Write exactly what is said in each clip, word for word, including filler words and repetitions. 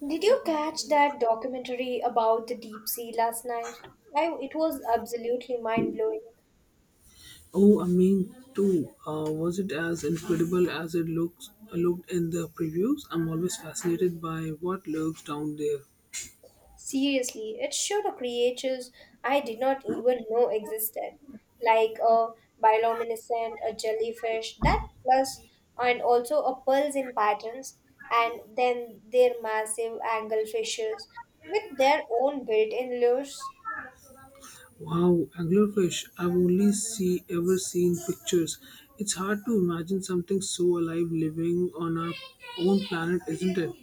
Did you catch that documentary about the deep sea last night? I, it was absolutely mind blowing. Oh, I mean, too. Uh, was it as incredible as it looks looked in the previews? I'm always fascinated by what lurks down there. Seriously, it showed the creatures I did not even know existed, like a bioluminescent, a jellyfish, that plus, and also a pearls in patterns, and then their massive angle fishes with their own built in lures. Wow, anglerfish! I've only see ever seen pictures. It's hard to imagine something so alive living on our own planet, isn't it?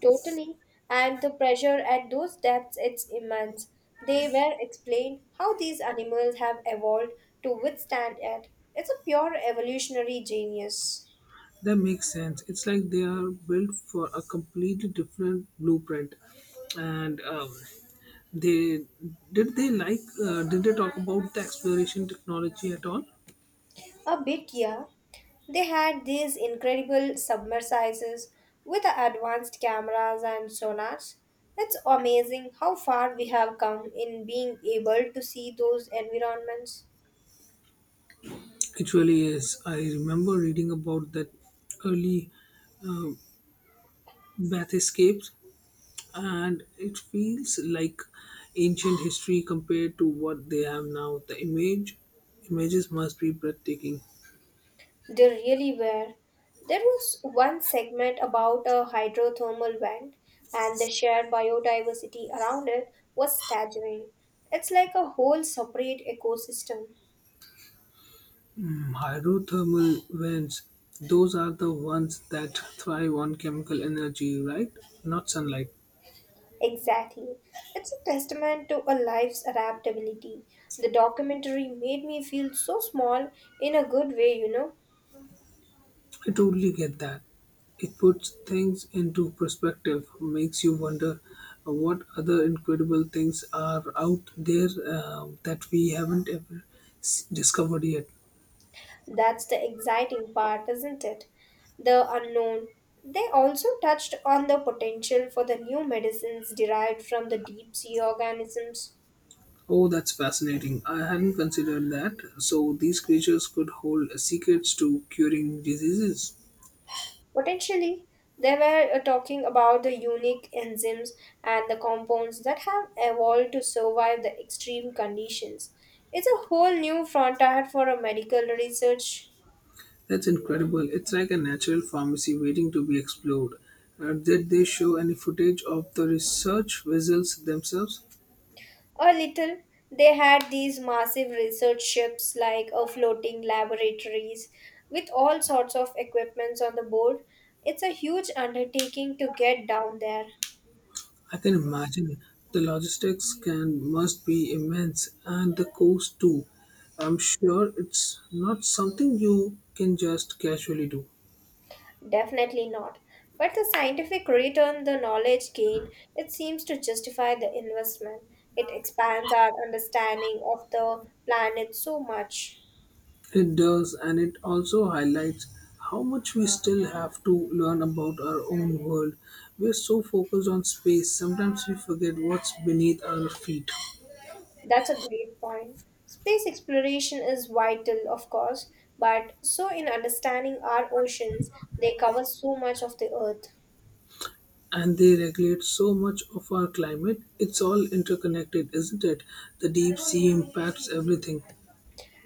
Totally. And the pressure at those depths, it's immense. They were explained how these animals have evolved to withstand it. It's a pure evolutionary genius. That makes sense. It's like they are built for a completely different blueprint. And um, they did they like uh, did they talk about the exploration technology at all? A bit, yeah. They had these incredible submersibles with advanced cameras and sonars. It's amazing how far we have come in being able to see those environments. It really is. I remember reading about that early uh, bath escapes, and it feels like ancient history compared to what they have now. The image images must be breathtaking. They really were. There was one segment about a hydrothermal vent, and the shared biodiversity around it was staggering. It's like a whole separate ecosystem. Mm, hydrothermal vents, those are the ones that thrive on chemical energy, right? Not sunlight. Exactly. It's a testament to a life's adaptability. The documentary made me feel so small in a good way, you know. I totally get that. It puts things into perspective, makes you wonder uh, what other incredible things are out there, uh, that we haven't ever s- discovered yet. That's the exciting part, isn't it? The unknown. They also touched on the potential for the new medicines derived from the deep sea organisms. Oh, that's fascinating. I hadn't considered that. So, these creatures could hold secrets to curing diseases. Potentially, they were uh, talking about the unique enzymes and the compounds that have evolved to survive the extreme conditions. It's a whole new frontier for a medical research. That's incredible. It's like a natural pharmacy waiting to be explored. Uh, did they show any footage of the research vessels themselves? A little. They had these massive research ships like a floating laboratories with all sorts of equipments on the board. It's a huge undertaking to get down there. I can imagine the logistics can must be immense and the cost too. I'm sure it's not something you can just casually do. Definitely not. But the scientific return, the knowledge gained, it seems to justify the investment. It expands our understanding of the planet so much. It does, and it also highlights how much we still have to learn about our own world. We're so focused on space, sometimes we forget what's beneath our feet. That's a great point. Space exploration is vital, of course, but so in understanding our oceans, they cover so much of the earth. And they regulate so much of our climate. It's all interconnected, isn't it? The deep sea impacts everything.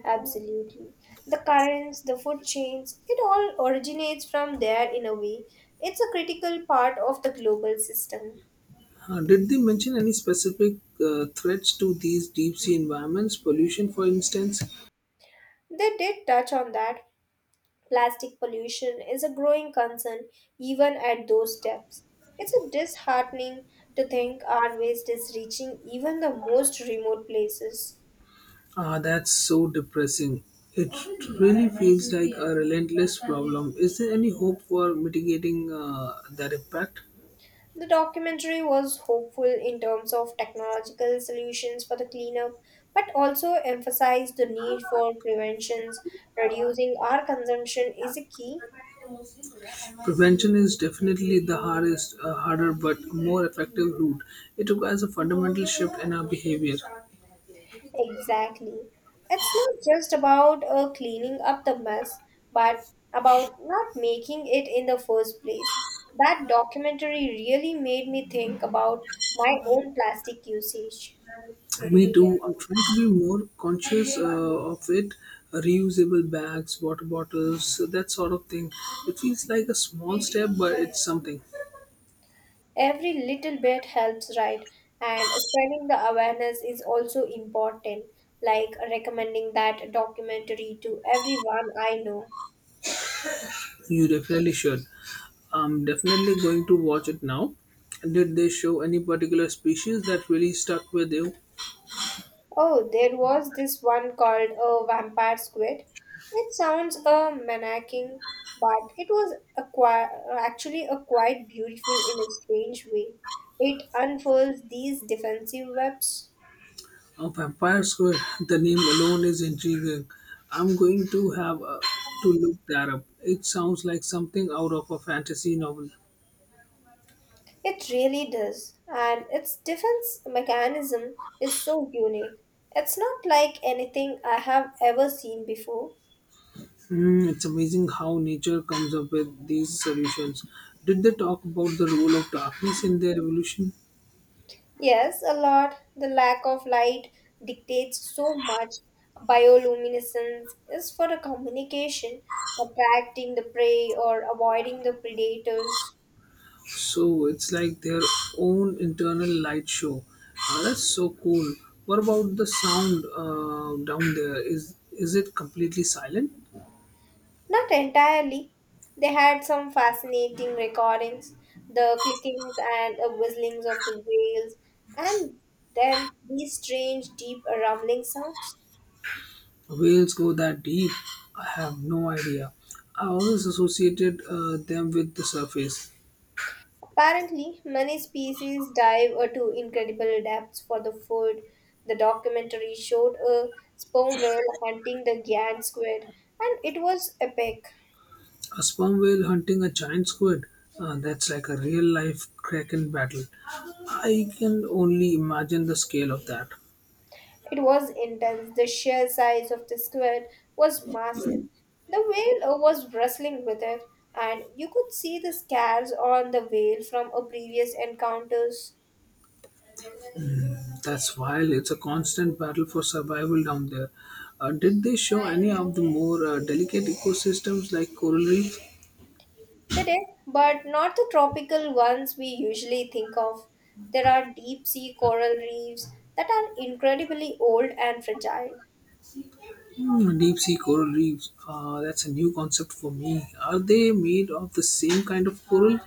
Absolutely. The currents, the food chains, it all originates from there in a way. It's a critical part of the global system. Uh, did they mention any specific uh, threats to these deep sea environments? Pollution, for instance? They did touch on that. Plastic pollution is a growing concern even at those depths. It's a disheartening to think our waste is reaching even the most remote places. Ah, that's so depressing. It really feels like a relentless problem. Is there any hope for mitigating uh, that impact? The documentary was hopeful in terms of technological solutions for the cleanup, but also emphasized the need for preventions. Reducing our consumption is a key. Prevention is definitely the hardest, uh, harder but more effective route. It requires a fundamental shift in our behavior. Exactly. It's not just about uh, cleaning up the mess, but about not making it in the first place. That documentary really made me think about my own plastic usage. Me too. I'm trying to be more conscious uh, of it. Reusable bags, water bottles, that sort of thing. It feels like a small step, but it's something. Every little bit helps, right? And spreading the awareness is also important, like recommending that documentary to everyone I know. You definitely should. I'm definitely going to watch it now. Did they show any particular species that really stuck with you? Oh, there was this one called a vampire squid. It sounds a manacking, but it was a qui- actually a quite beautiful in a strange way. It unfurls these defensive webs. Of Empire Square. The name alone is intriguing. I'm going to have uh, to look that up. It sounds like something out of a fantasy novel. It really does, and its defense mechanism is so unique. It's not like anything I have ever seen before. Hmm, it's amazing how nature comes up with these solutions. Did they talk about the role of darkness in their evolution? Yes, a lot. The lack of light dictates so much. Bioluminescence is for the communication, attracting the prey or avoiding the predators. So it's like their own internal light show. Uh, that's so cool. What about the sound uh, down there? Is is it completely silent? Not entirely. They had some fascinating recordings, the clickings and uh, whistlings of the whales, and then these strange deep rumbling sounds. Whales go that deep? I have no idea. I always associated uh, them with the surface. Apparently, many species dive uh, to incredible depths for the food. The documentary showed a sperm whale hunting the giant squid, and it was epic. A sperm whale hunting a giant squid, uh, that's like a real life kraken battle. I can only imagine the scale of that. It was intense. The sheer size of the squid was massive. The whale uh, was wrestling with it, and you could see the scars on the whale from a previous encounters. Mm, that's wild. It's a constant battle for survival down there. Uh, did they show any of the more uh, delicate ecosystems like coral reef? The death, but not the tropical ones we usually think of. There are deep sea coral reefs that are incredibly old and fragile. Hmm, deep sea coral reefs. Uh, that's a new concept for me. Are they made of the same kind of coral?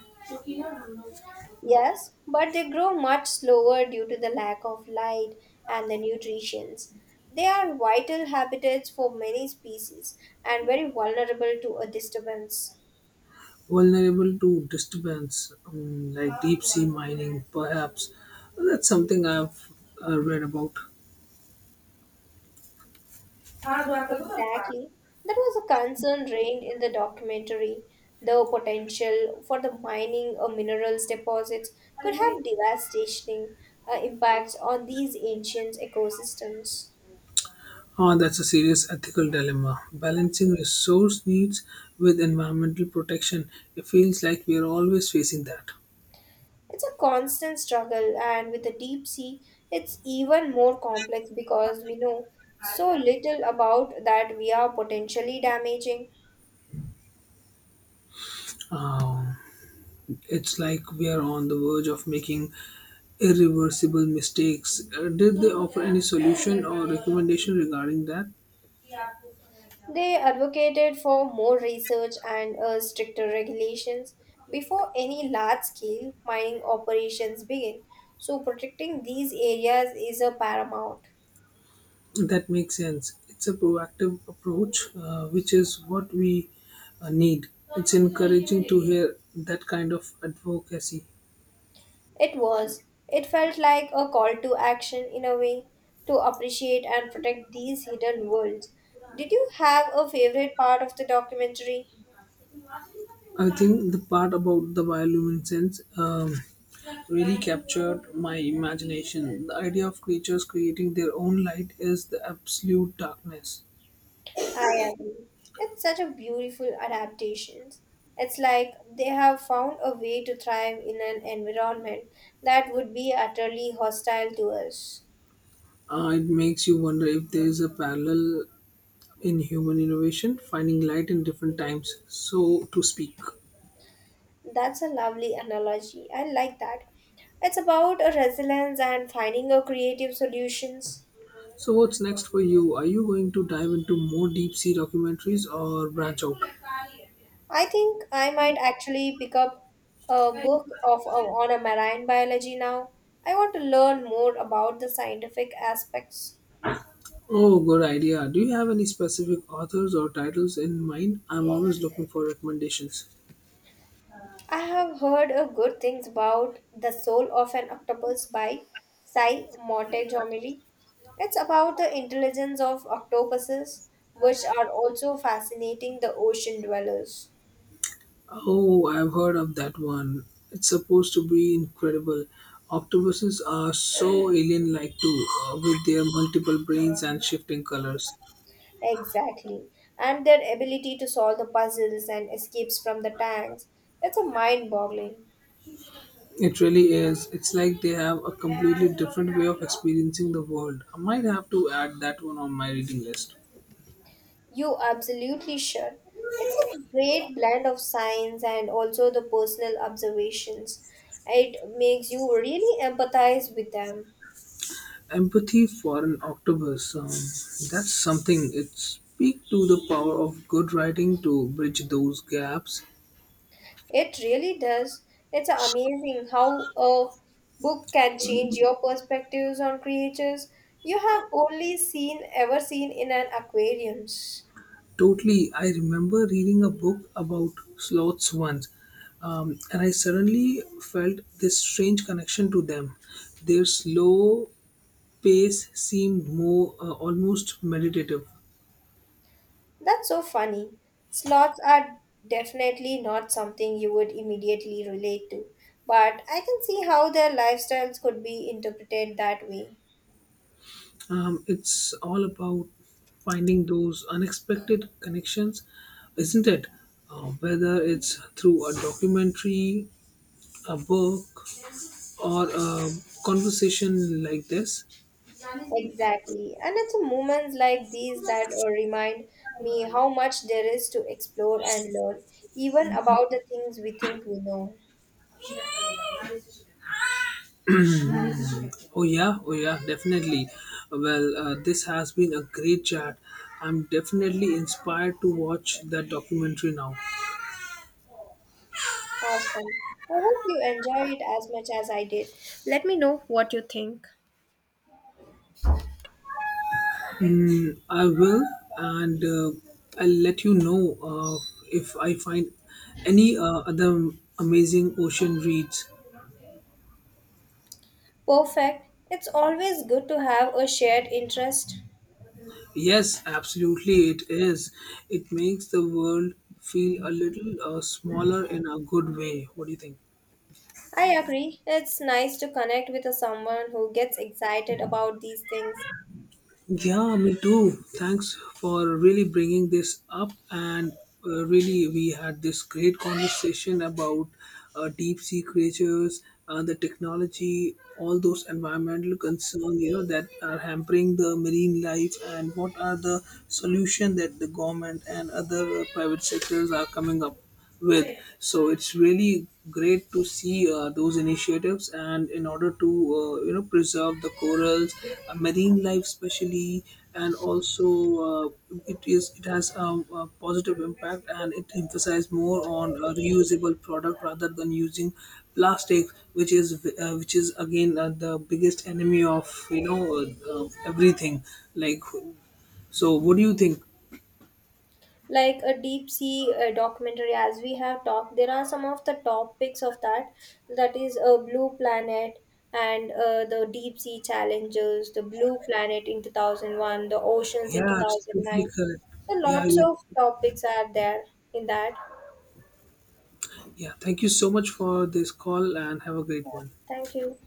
Yes, but they grow much slower due to the lack of light and the nutrients. They are vital habitats for many species and very vulnerable to a disturbance. Vulnerable to disturbance, um, like deep sea mining, perhaps. That's something I've uh, read about. Exactly. That was a concern raised in the documentary. The potential for the mining or minerals deposits could have devastating uh, impacts on these ancient ecosystems. Ah, that's a serious ethical dilemma. Balancing resource needs with environmental protection. It feels like we are always facing that. It's a constant struggle, and with the deep sea, it's even more complex because we know so little about that we are potentially damaging. Um, It's like we are on the verge of making irreversible mistakes. Uh, did they offer any solution or recommendation regarding that? They advocated for more research and uh, stricter regulations before any large scale mining operations begin. So, protecting these areas is a paramount. That makes sense. It's a proactive approach, uh, which is what we uh, need. It's encouraging to hear that kind of advocacy. It was. It felt like a call to action in a way to appreciate and protect these hidden worlds. Did you have a favorite part of the documentary? I think the part about the bioluminescence um, really captured my imagination. The idea of creatures creating their own light is the absolute darkness. I agree. It's such a beautiful adaptation. It's like they have found a way to thrive in an environment that would be utterly hostile to us. Uh, it makes you wonder if there is a parallel in human innovation, finding light in different times, so to speak. That's a lovely analogy. I like that. It's about a resilience and finding a creative solutions. So, what's next for you? Are you going to dive into more deep sea documentaries or branch out? I think I might actually pick up a book of on a marine biology now. I want to learn more about the scientific aspects. Oh, good idea. Do you have any specific authors or titles in mind? I'm always looking for recommendations. I have heard a good things about The Soul of an Octopus by Cy Montgomery. It's about the intelligence of octopuses, which are also fascinating the ocean dwellers. Oh, I've heard of that one. It's supposed to be incredible. Octopuses are so alien like, too, uh, with their multiple brains and shifting colors. Exactly. And their ability to solve the puzzles and escapes from the tanks. It's a mind boggling. It really is. It's like they have a completely different way of experiencing the world. I might have to add that one on my reading list. You absolutely should. It's a great blend of science and also the personal observations. It makes you really empathize with them. Empathy for an octopus. Um, that's something. It speaks to the power of good writing to bridge those gaps. It really does. It's amazing how a book can change your perspectives on creatures you have only seen ever seen in an aquarium. Totally. I remember reading a book about sloths once, um, and I suddenly felt this strange connection to them. Their slow pace seemed more uh, almost meditative. That's so funny. Sloths are definitely not something you would immediately relate to, but I can see how their lifestyles could be interpreted that way. Um, it's all about finding those unexpected connections, isn't it? Uh, whether it's through a documentary, a book, or a conversation like this. Exactly. And it's moments like these that uh, remind me how much there is to explore and learn, even about the things we think we know. Oh, yeah, oh, yeah, definitely. Well, uh, this has been a great chat. I'm definitely inspired to watch that documentary now. Awesome. I hope you enjoy it as much as I did. Let me know what you think. Mm, I will, and uh, I'll let you know uh, if I find any uh, other amazing ocean reads. Perfect. It's always good to have a shared interest. Yes, absolutely, it is. It makes the world feel a little uh, smaller in a good way. What do you think? I agree. It's nice to connect with a someone who gets excited about these things. Yeah, me too. Thanks for really bringing this up. And uh, really, we had this great conversation about uh, deep sea creatures, uh, the technology, all those environmental concerns you know that are hampering the marine life, and what are the solution that the government and other uh, private sectors are coming up with. So it's really great to see uh, those initiatives, and in order to uh, you know preserve the corals, uh, marine life especially, and also uh, it is it has um, a positive impact, and it emphasizes more on a reusable product rather than using plastic, which is v- uh, which is again uh, the biggest enemy of you know uh, uh, everything like. So, what do you think? Like a deep sea uh, documentary, as we have talked, there are some of the topics of that. That is a blue planet and uh, the deep sea challenges, the blue planet in two thousand one, the oceans in Yeah, absolutely two thousand nine. correct. So Yeah, lots of you. topics are there in that. Yeah, thank you so much for this call and have a Yeah. great one. Thank you.